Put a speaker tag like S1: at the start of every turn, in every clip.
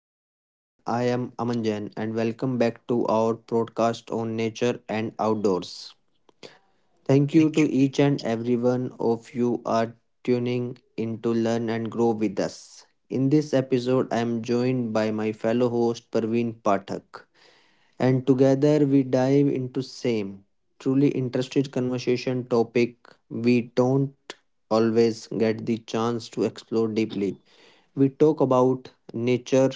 S1: everyone, I am Aman Jain and welcome back to our broadcast on nature and outdoors. Thank you to each and every one of you are tuning in to learn and grow with us. In this episode, I am joined by my fellow host Parveen Pathak and together we dive into same truly interesting conversation topic we don't always get the chance to explore deeply. We talk about nature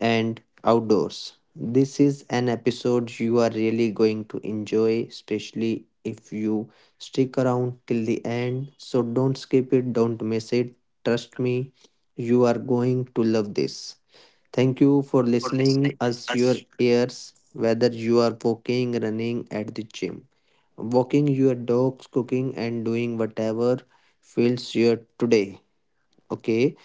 S1: and outdoors. This is an episode you are really going to enjoy, especially if you stick around till the end. So don't skip it, don't miss it. Trust me, you are going to love this. Thank you for listening us your ears whether you are walking, running at the gym walking your dogs, cooking, and doing whatever fills your today. Okay,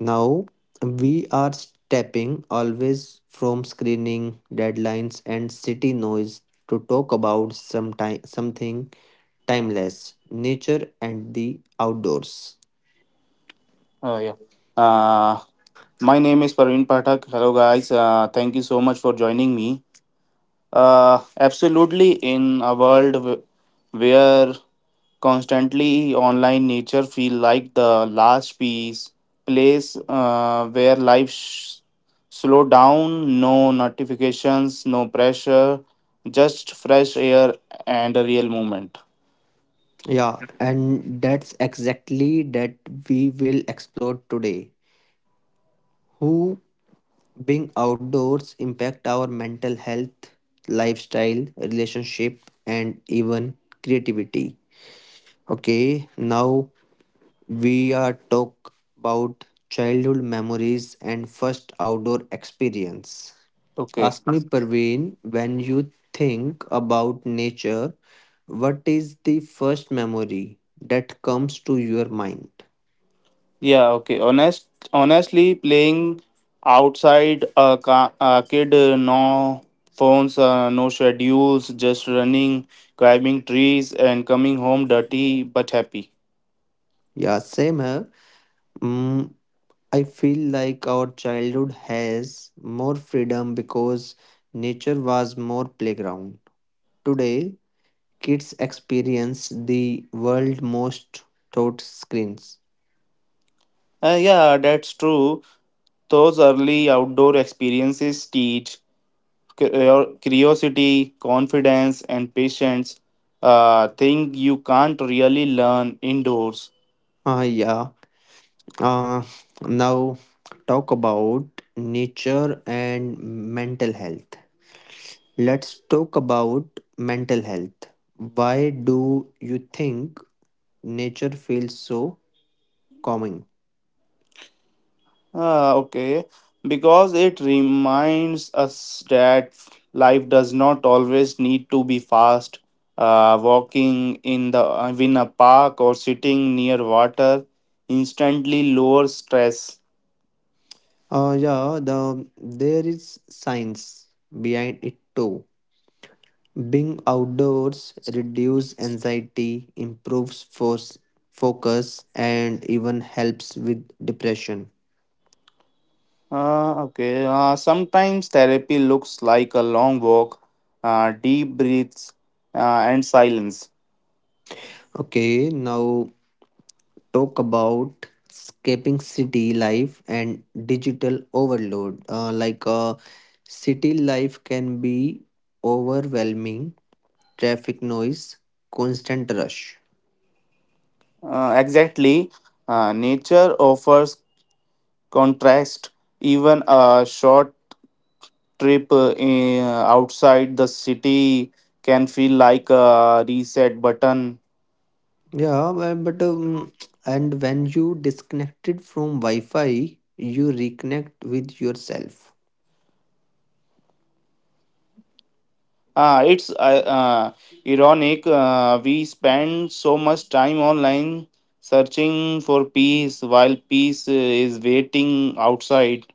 S1: now we are stepping always from screening, deadlines, and city noise to talk about sometime, something timeless nature and the outdoors.
S2: Oh, yeah. Uh, my name is Parveen Pathak. Hello, guys. Thank you so much for joining me. Absolutely, in a world where constantly online nature feel like the last piece place where life slow down, no notifications, no pressure, just fresh air and a real moment.
S1: Yeah, and that's exactly that we will explore today. Who being outdoors impact our mental health, lifestyle, relationship and even creativity. Okay, now we are talk about childhood memories and first outdoor experience.
S2: Okay.
S1: Ask me Parveen, when you think about nature, what is the first memory that comes to your mind?
S2: Yeah, okay. Honestly, playing outside, kid, no phones, no schedules, just running, climbing trees, and coming home dirty but happy.
S1: Yeah, same here. Mm, I feel like our childhood has more freedom because nature was more playground. Today, kids experience the world most thought screens.
S2: Yeah, that's true. Those early outdoor experiences teach curiosity, confidence, and patience. Thing you can't really learn indoors.
S1: Ah, yeah. Uh, Now, talk about nature and mental health. Let's talk about mental health. Why do you think nature feels so calming?
S2: Ah, okay. Because it reminds us that life does not always need to be fast. Walking in the in a park or sitting near water instantly lowers stress.
S1: Yeah, there is science behind it too. Being outdoors reduces anxiety, improves focus, and even helps with depression.
S2: Ah, okay. Sometimes therapy looks like a long walk, deep breaths, and silence.
S1: Okay, now talk about escaping city life and digital overload. City life can be overwhelming, traffic noise, constant rush.
S2: Exactly. Nature offers contrast. Even a short trip outside the city can feel like a reset button.
S1: Yeah, but and when you disconnected from Wi-Fi, you reconnect with yourself.
S2: Ah, it's uh, Ironic. We spend so much time online searching for peace while peace is waiting outside.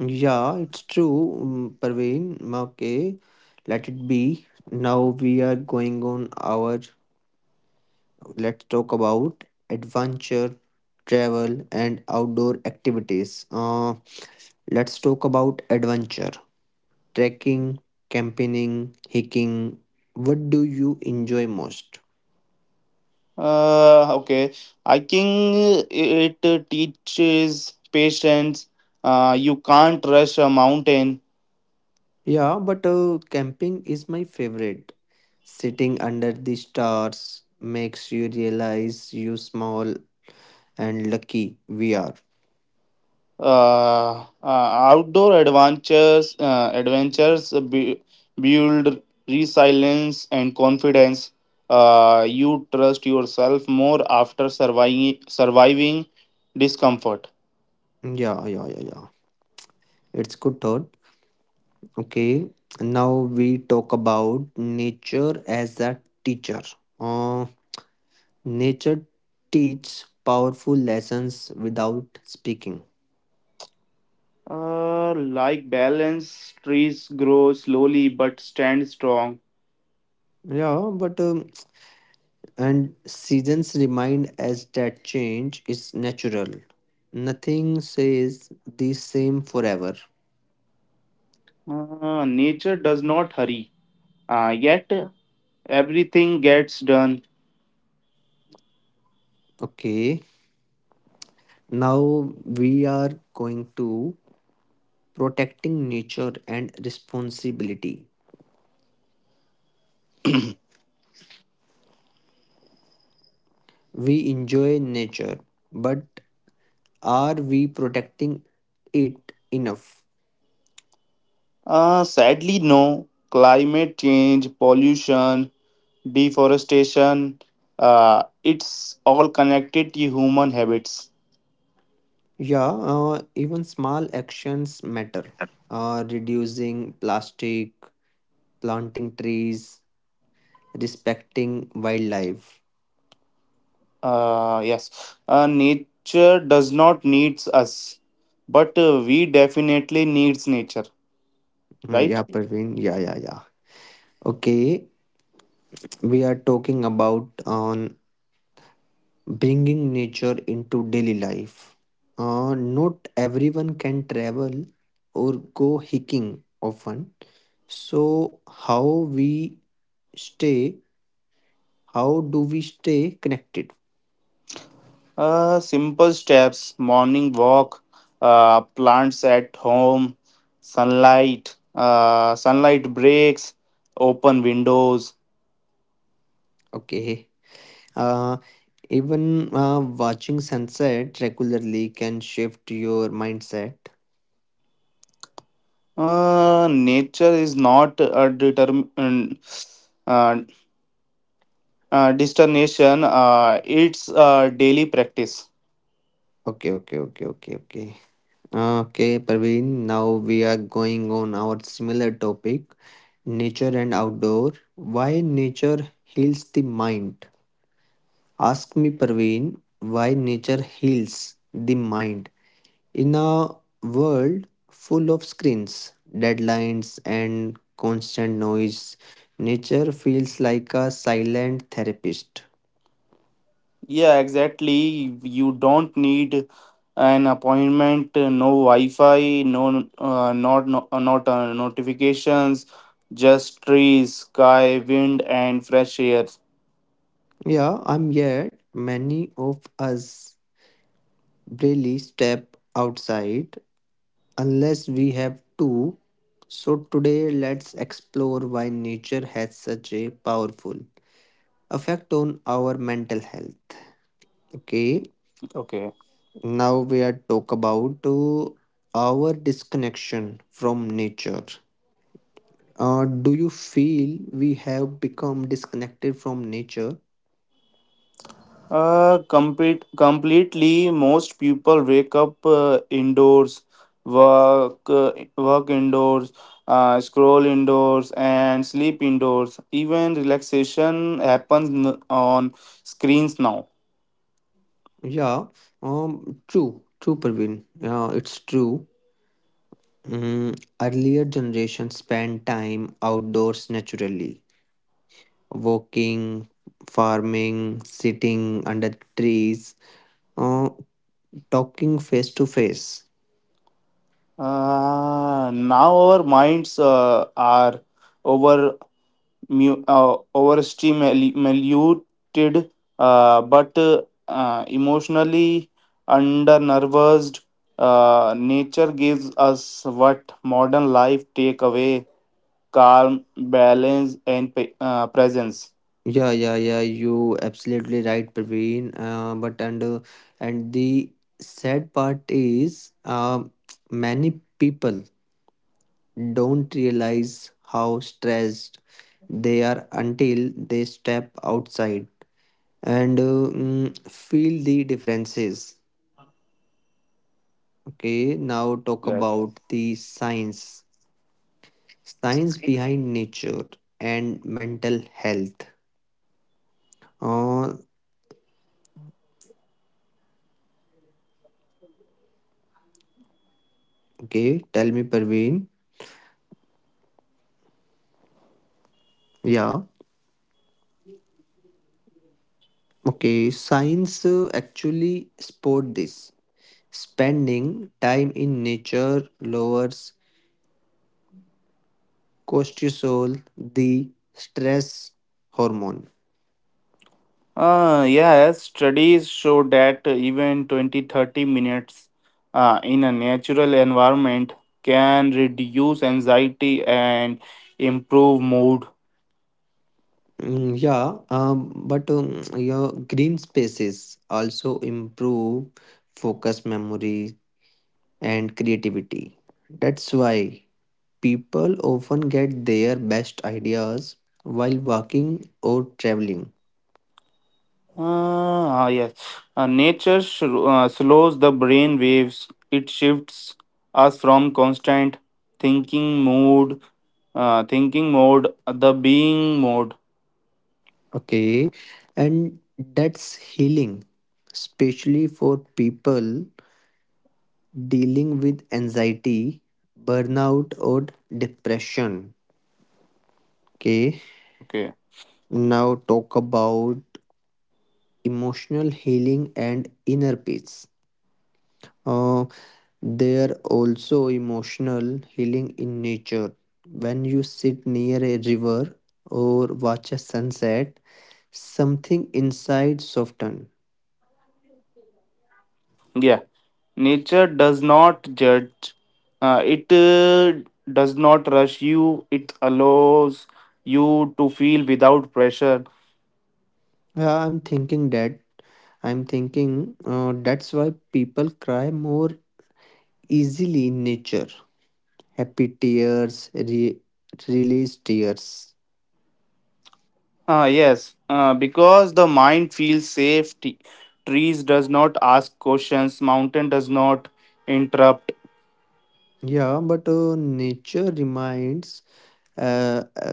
S1: Yeah, it's true, Parveen. Okay, let it be. Now we are going on our. Let's talk about adventure, travel, and outdoor activities. Let's talk about adventure, trekking, camping, hiking. What do you enjoy most?
S2: Okay. Hiking, it teaches patience. You can't rush a mountain.
S1: Yeah, but camping is my favorite. Sitting under the stars makes you realize you small and lucky we are.
S2: Outdoor adventures build resilience and confidence. You trust yourself more after surviving discomfort.
S1: Yeah, yeah, yeah, yeah. It's good thought. Okay, now we talk about nature as a teacher. Uh, Nature teaches powerful lessons without speaking.
S2: Like balance, trees grow slowly but stand strong.
S1: Yeah, but And seasons remind us that change is natural. Nothing says the same forever.
S2: Nature does not hurry, yet everything gets done.
S1: Okay. Now we are going to protecting nature and responsibility. We enjoy nature, but are we protecting it enough?
S2: Sadly, no. Climate change, pollution, deforestation, it's all connected to human habits.
S1: Yeah, even small actions matter. Reducing plastic, planting trees, respecting wildlife.
S2: Yes, nature does not needs us, but we definitely needs nature, right.
S1: Yeah, Parveen. Yeah, yeah, yeah. Okay, we are talking about on bringing nature into daily life. Not everyone can travel or go hiking often. So we stay? How do we stay connected?
S2: Simple steps: morning walk, plants at home, sunlight breaks, open windows.
S1: Okay. Uh, even watching sunset regularly can shift your mindset.
S2: Nature is not a uh, destination, it's daily practice.
S1: Okay, okay, okay, okay, okay. Okay, Praveen, now we are going on our similar topic nature and outdoor. Why nature heals the mind? Ask me, Praveen, why nature heals the mind? In a world full of screens, deadlines, and constant noise, nature feels like a silent therapist.
S2: Yeah, exactly, you don't need an appointment, no wi-fi, no not no, not notifications, just trees, sky, wind, and fresh air.
S1: Yeah, I'm yet many of us barely step outside unless we have to. So, today let's explore why nature has such a powerful effect on our mental health. Okay,
S2: Okay.
S1: now we are talk about our disconnection from nature. Do you feel we have become disconnected from nature?
S2: Completely. Most people wake up indoors, work, uh, work indoors, scroll indoors, and sleep indoors. Even relaxation happens on screens now.
S1: Yeah, true, true, Praveen. It's true. Mm, earlier generations spent time outdoors naturally walking, farming, sitting under trees, uh, talking face to face.
S2: Now our minds are over overstimulated, but emotionally undernerved. Nature gives us what modern life take away: calm, balance, and presence.
S1: Yeah, yeah, yeah. You absolutely right, Praveen. But and the sad part is, many people don't realize how stressed they are until they step outside and feel the differences. Okay, now talk
S2: Yes.
S1: about the science. Science behind nature and mental health. Uh, okay, tell me, Parveen. Yeah, okay. Science actually support this. Spending time in nature lowers cortisol, the stress hormone.
S2: Yes, studies show that even 20, 30 minutes in a natural environment can reduce anxiety and improve mood.
S1: Mm, yeah, but your green spaces also improve focus, memory, and creativity. That's why. People often get their best ideas while walking or traveling.
S2: Ah, yes. Nature slows the brain waves. It shifts us from constant thinking mode, the being mode.
S1: Okay, and that's healing, especially for people dealing with anxiety, burnout, or depression. Okay,
S2: Okay.
S1: now talk about emotional healing and inner peace. Uh, they're also emotional healing in nature. When you sit near a river or watch a sunset, something inside soften.
S2: Yeah. Nature does not judge. It does not rush you. It allows you to feel without pressure.
S1: Yeah, I'm thinking that. I'm thinking that's why people cry more easily in nature. Happy tears, release tears.
S2: Ah, yes, because the mind feels safe. Trees does not ask questions. Mountain does not interrupt.
S1: Yeah, but nature reminds uh, uh,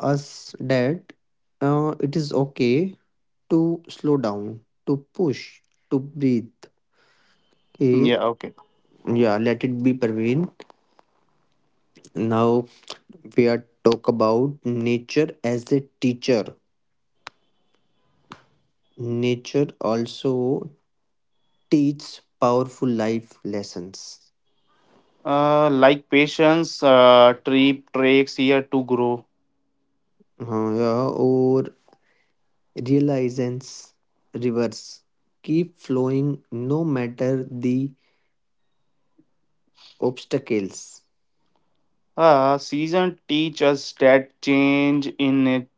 S1: us that it is okay to slow down, to push, to breathe. Okay,
S2: Yeah, okay.
S1: yeah, let it be Parveen. Now we are talk about nature as a teacher. Nature also teaches powerful life lessons.
S2: Like patience, tree takes year to grow.
S1: हाँ yeah, और realizations, rivers keep flowing no matter the obstacles.
S2: Season teach us that change in it,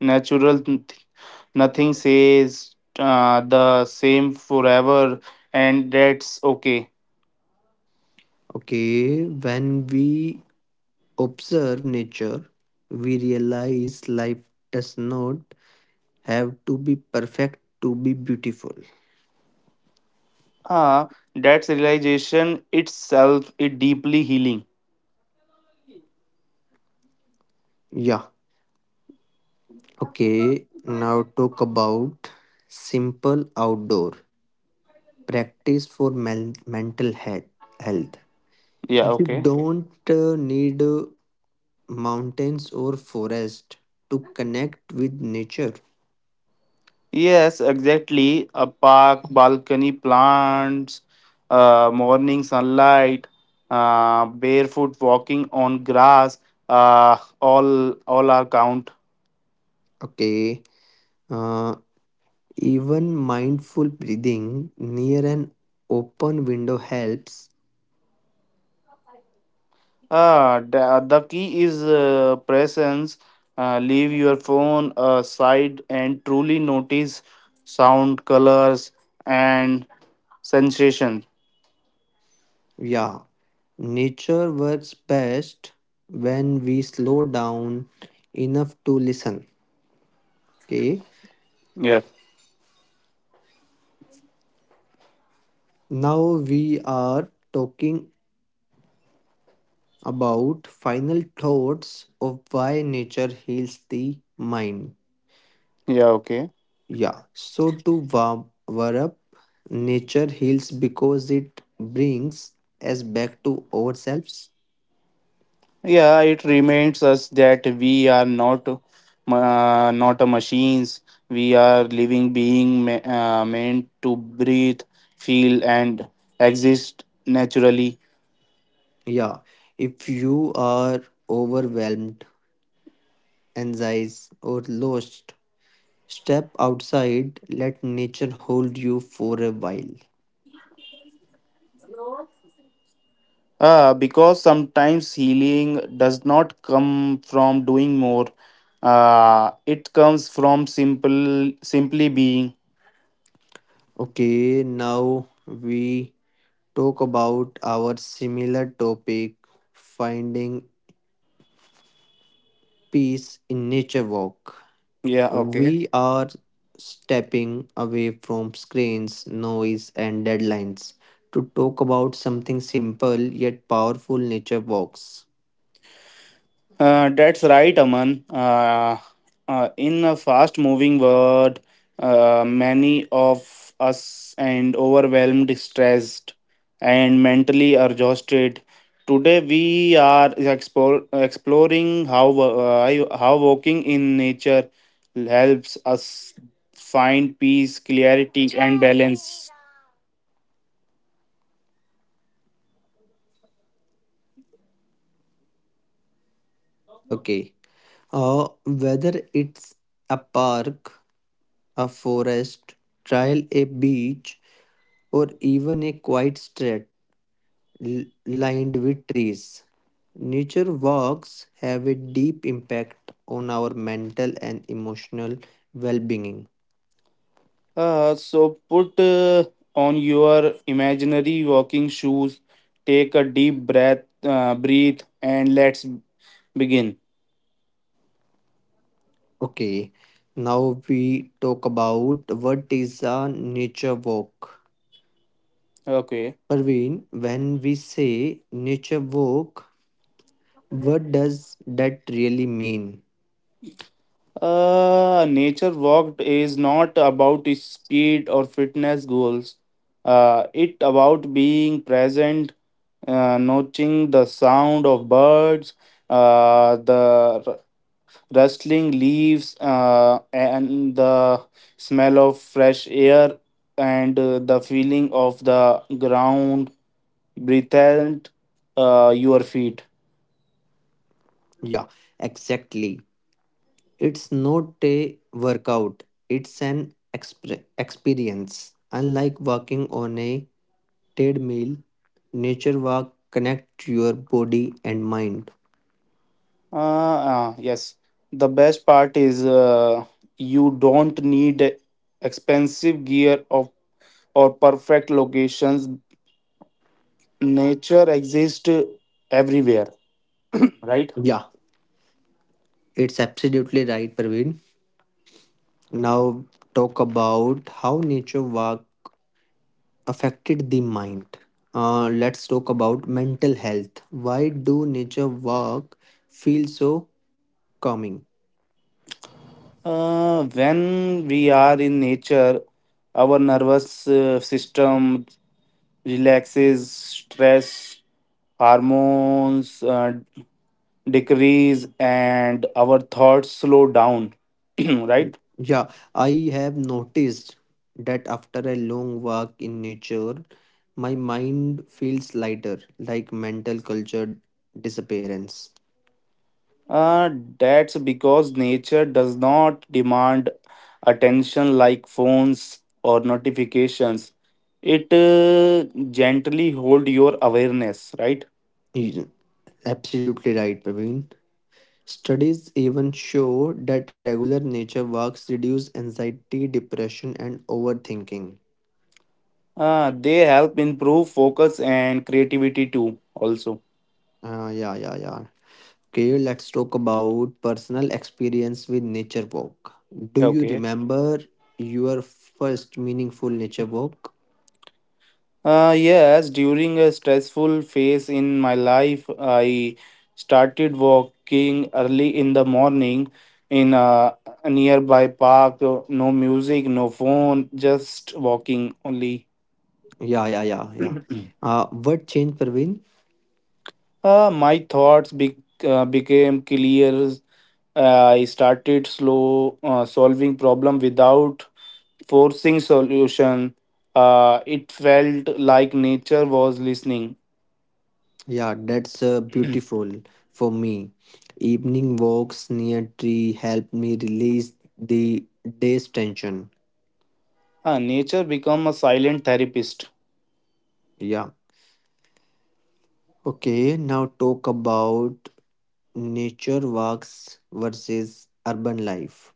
S2: natural. Nothing says the same forever, and that's okay.
S1: Okay, when we observe nature, we realize life does not have to be perfect to be beautiful.
S2: Ah, that's realization itself. It deeply healing.
S1: Yeah. Okay. Now talk about simple outdoor practice for mental health. Health.
S2: Yeah,
S1: You
S2: okay.
S1: don't need mountains or forest to connect with nature.
S2: Yes, exactly. A park, balcony, plants, morning sunlight, barefoot walking on grass. All all are count.
S1: Okay. uh, Even mindful breathing near an open window helps.
S2: The key is presence. Leave your phone aside and truly notice sound, colors, and sensation.
S1: Yeah, nature works best when we slow down enough to listen. Okay,
S2: Yeah.
S1: now we are talking about final thoughts of why nature heals the mind.
S2: Yeah. Okay.
S1: Yeah, so to warm up, nature heals because it brings us back to ourselves.
S2: Yeah, it reminds us that we are not a machines. We are living being meant to breathe, feel, and exist naturally.
S1: Yeah, if you are overwhelmed, anxious, or lost, step outside, let nature hold you for a while.
S2: Because sometimes healing does not come from doing more. It comes from simple simply being.
S1: Okay, now we talk about our similar topic finding peace in nature walk.
S2: Yeah. Okay.
S1: We are stepping away from screens, noise, and deadlines to talk about something simple yet powerful nature walks.
S2: That's right, Aman. In a fast moving world, many of us and overwhelmed, stressed, and mentally exhausted. Today, we are exploring how walking in nature helps us find peace, clarity, and balance.
S1: Okay, whether it's a park, a forest, trial a beach, or even a quiet street lined with trees. Nature walks have a deep impact on our mental and emotional well being.
S2: So put on your imaginary walking shoes, take a deep breath, breathe, and let's begin.
S1: Okay, now we talk about what is a nature walk.
S2: Okay.
S1: Parveen, when we say nature walk, what does that really mean?
S2: Nature walk is not about speed or fitness goals. It about being present, noting the sound of birds, the rustling leaves, and the smell of fresh air, and the feeling of the ground beneath your feet.
S1: Yeah, exactly. It's not a workout, it's an experience. Unlike walking on a treadmill, nature walk connect your body and mind.
S2: Uh, yes, the best part is you don't need expensive gear of or perfect locations. Nature exists everywhere, right?
S1: Yeah, it's absolutely right, Praveen. Now talk about how nature walk affected the mind. Let's talk about mental health. Why do nature walk feel so calming?
S2: When we are in nature, our nervous system relaxes, stress hormones decrease and our thoughts slow down right.
S1: Yeah, I have noticed that after a long walk in nature, my mind feels lighter, like mental culture disappearance.
S2: uh, that's because nature does not demand attention like phones or notifications. It gently hold your awareness, right.
S1: You- Absolutely right, Praveen. Studies even show that regular nature walks reduce anxiety, depression, and overthinking.
S2: They help improve focus and creativity too, also.
S1: Ah, yeah, yeah, yeah. Okay, let's talk about personal experience with nature walk. Do you
S2: Okay.
S1: remember your first meaningful nature walk?
S2: Yes, during a stressful phase in my life, I started walking early in the morning in a nearby park. No music, no phone, just walking only.
S1: Yeah, yeah, yeah, yeah. What changed, Praveen?
S2: My thoughts became clear. I started slow solving problem without forcing solution. It felt like nature was listening.
S1: Yeah, that's beautiful for me. Evening walks near tree help me release the day's tension.
S2: Nature become a silent therapist.
S1: Yeah. Okay, now talk about nature walks versus urban life.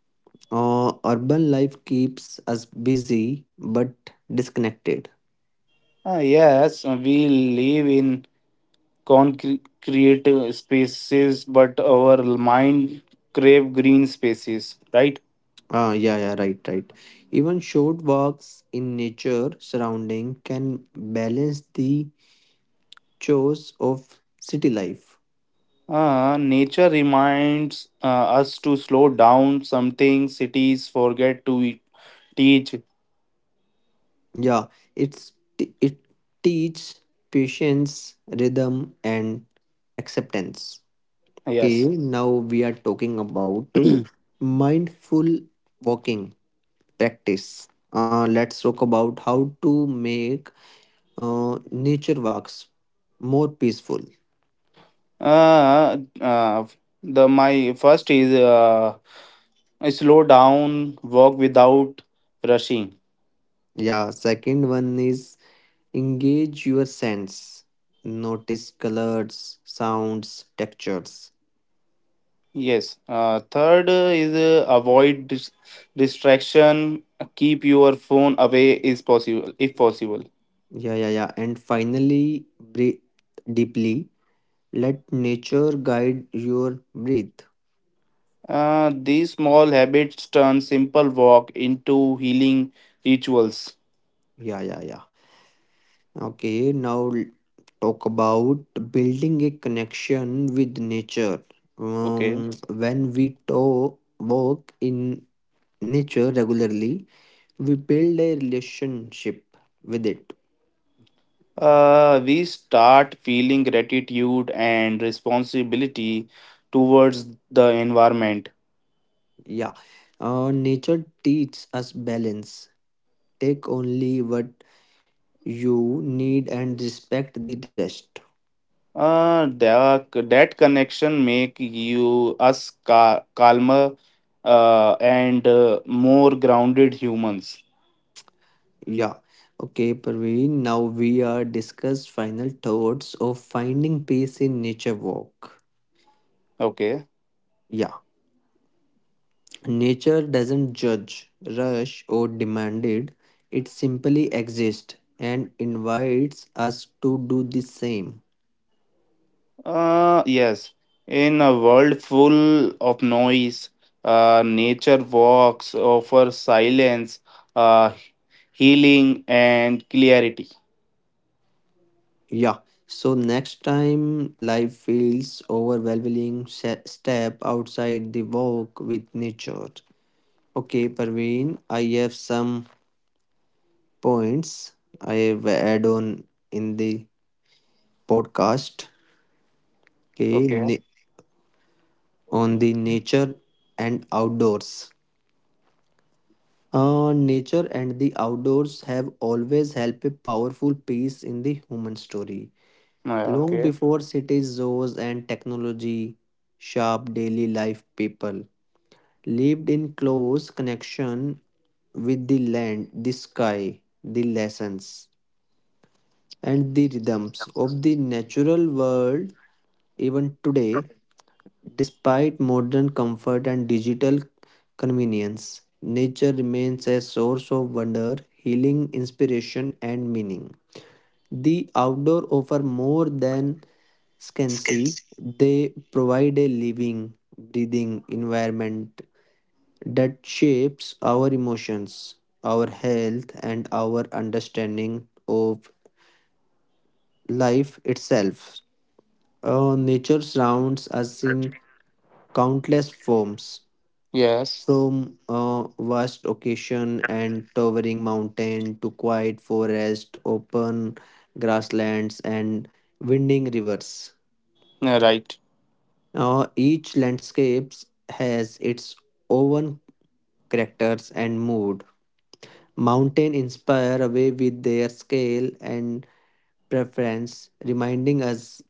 S1: Urban life keeps us busy but disconnected.
S2: Ah, yes, we live in concrete spaces, but our mind crave green spaces, right?
S1: Ah, yeah, yeah, right, right. Even short walks in nature surrounding can balance the chores of city life.
S2: Nature reminds us to slow down. Something cities forget to teach.
S1: Yeah, it's it teach patience, rhythm, and acceptance. Okay,
S2: Yes.
S1: now we are talking about mindful walking practice. Let's talk about how to make nature walks more peaceful.
S2: Uh, uh, the my first is slow down, walk without rushing.
S1: Yeah, second one is engage your sense. Notice colors, sounds, textures.
S2: Yes. Third is avoid distraction. Keep your phone away is possible if possible.
S1: Yeah, yeah, yeah. And finally, breathe deeply. Let nature guide your breath.
S2: These small habits turn simple walk into healing rituals.
S1: Yeah, yeah, yeah. Okay, now talk about building a connection with nature.
S2: Okay.
S1: When we walk in nature regularly, we build a relationship with it.
S2: We start feeling gratitude and responsibility towards the environment.
S1: Yeah, nature teaches us balance. Take only what you need and respect the rest.
S2: That connection make you us calmer and more grounded humans.
S1: Yeah. Okay, Parveen. Now we are discuss final thoughts of finding peace in nature walk.
S2: Okay.
S1: Yeah. Nature doesn't judge, rush, or demand it. It simply exists and invites us to do the same.
S2: Yes. In a world full of noise, nature walks offer silence, uh, healing, and clarity.
S1: Yeah. So next time life feels overwhelming, step outside the walk with nature. Okay, Parveen, I have some points I have add on in the podcast okay,
S2: Okay.
S1: on the nature and outdoors. Nature and the outdoors have always helped a powerful piece in the human story.
S2: Yeah,
S1: Long
S2: okay.
S1: before cities, zoos, and technology, sharp daily life people lived in close connection with the land, the sky, the lessons and the rhythms of the natural world, even today, despite modern comfort and digital convenience. Nature remains a source of wonder, healing, inspiration and meaning. The outdoor offer more than scancy. They provide a living breathing environment that shapes our emotions, our health and our understanding of life itself. Nature surrounds us in countless forms,
S2: Yes.
S1: from vast ocean and towering mountain to quiet forest, open grasslands, and winding rivers.
S2: Yeah, right.
S1: Each landscape has its own characters and mood. Mountain inspire away with their scale and preference, reminding us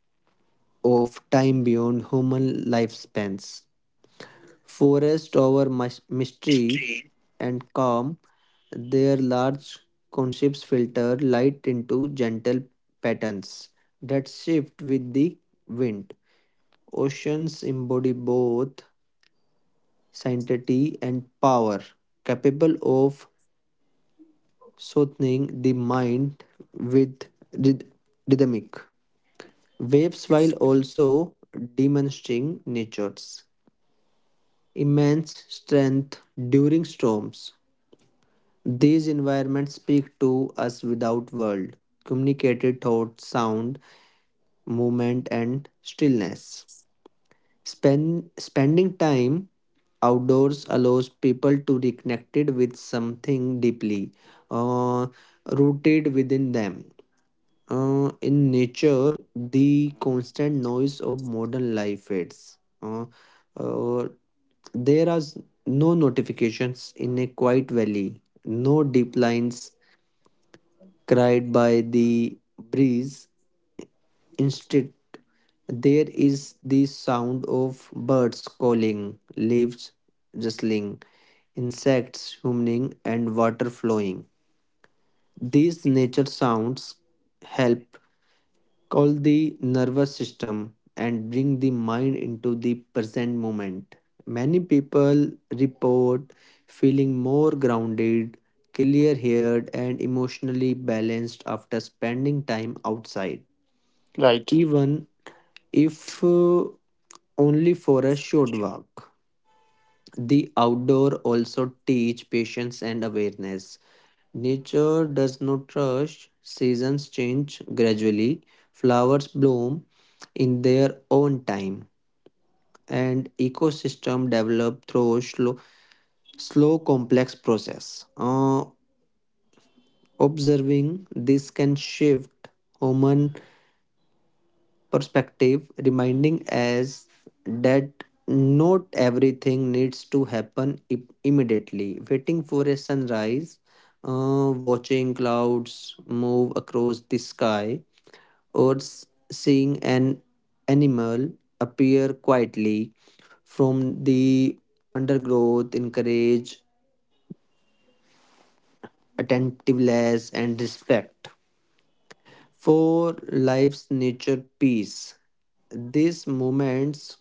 S1: of time beyond human lifespans. Forest over mystery and calm, their large concepts filter light into gentle patterns that shift with the wind. Oceans embody both sanctity and power, capable of soothing the mind with ryth- rhythmic waves while also demonstrating nature's immense strength during storms. These environments speak to us without words, communicated thought, sound, movement, and stillness. Spending time outdoors allows people to reconnect connected with something deeply uh, rooted within them. In nature, the constant noise of modern life fades. Uh, uh, there are no notifications in a quiet valley, no deep lines cried by the breeze. Instead, there is the sound of birds calling, leaves rustling, insects humming, and water flowing. These nature sounds help called the nervous system and bring the mind into the present moment. Many people report feeling more grounded, clear headed, and emotionally balanced after spending time outside,
S2: Right.
S1: even if only for a short walk. The outdoor also teach patience and awareness. Nature does not rush, seasons change gradually, flowers bloom in their own time, and ecosystem develop through slow complex process. Observing this can shift human perspective, reminding us that not everything needs to happen immediately. Waiting for a sunrise, watching clouds move across the sky, or seeing an animal appear quietly from the undergrowth, encourage attentiveness and respect for life's nature peace. These moments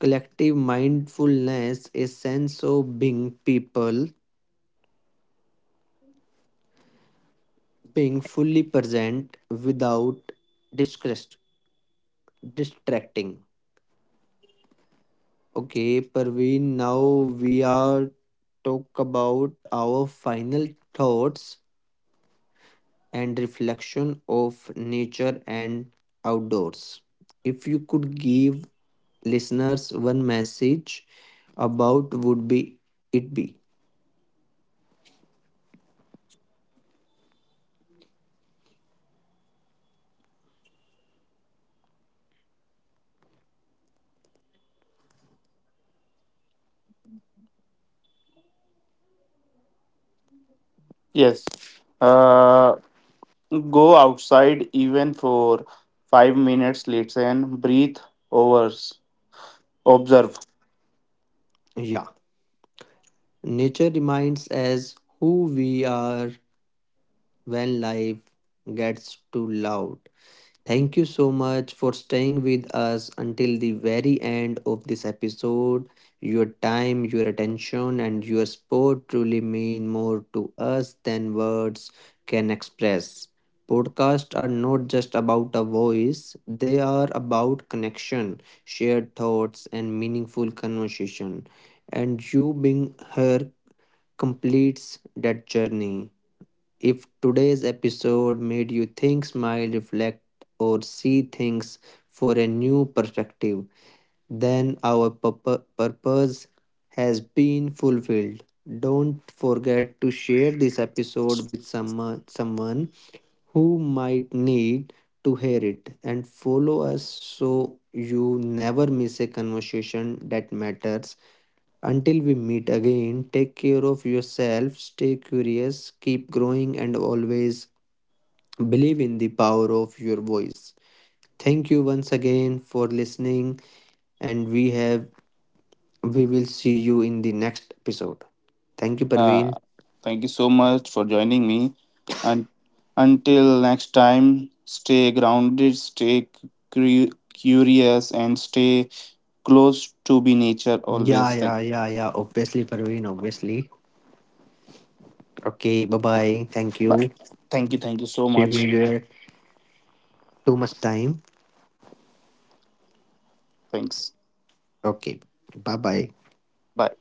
S1: collective mindfulness is sense of being people, being fully present without distress distracting. Okay Parveen, now we are talk about our final thoughts and reflection of nature and outdoors. If you could give listeners one message about would be it be?
S2: Yes. Uh, Go outside even for 5 minutes, listen, breathe, overs, observe.
S1: Yeah, nature reminds us who we are when life gets too loud. Thank you so much for staying with us until the very end of this episode. Your time, your attention, and your support truly mean more to us than words can express. Podcasts are not just about a voice, they are about connection, shared thoughts, and meaningful conversation. And you being here completes that journey. If today's episode made you think, smile, reflect, or see things for a new perspective, then our purpose has been fulfilled. Don't forget to share this episode with someone who might need to hear it and follow us so you never miss a conversation that matters until we meet again, take care of yourself, stay curious, keep growing, and always believe in the power of your voice. Thank you once again for listening, and we will see you in the next episode. Thank you,
S2: Uh,
S1: Parveen.
S2: Thank you so much for joining me. And until next time, stay grounded, stay curious, and stay close to be nature
S1: Yeah,
S2: always. Thank,
S1: yeah, yeah, yeah. Obviously, Parveen, obviously. Okay, bye bye. Thank
S2: bye.
S1: you.
S2: Thank you. Thank you so
S1: Give me
S2: much.
S1: your too much time.
S2: Thanks.
S1: Okay, bye bye.
S2: Bye.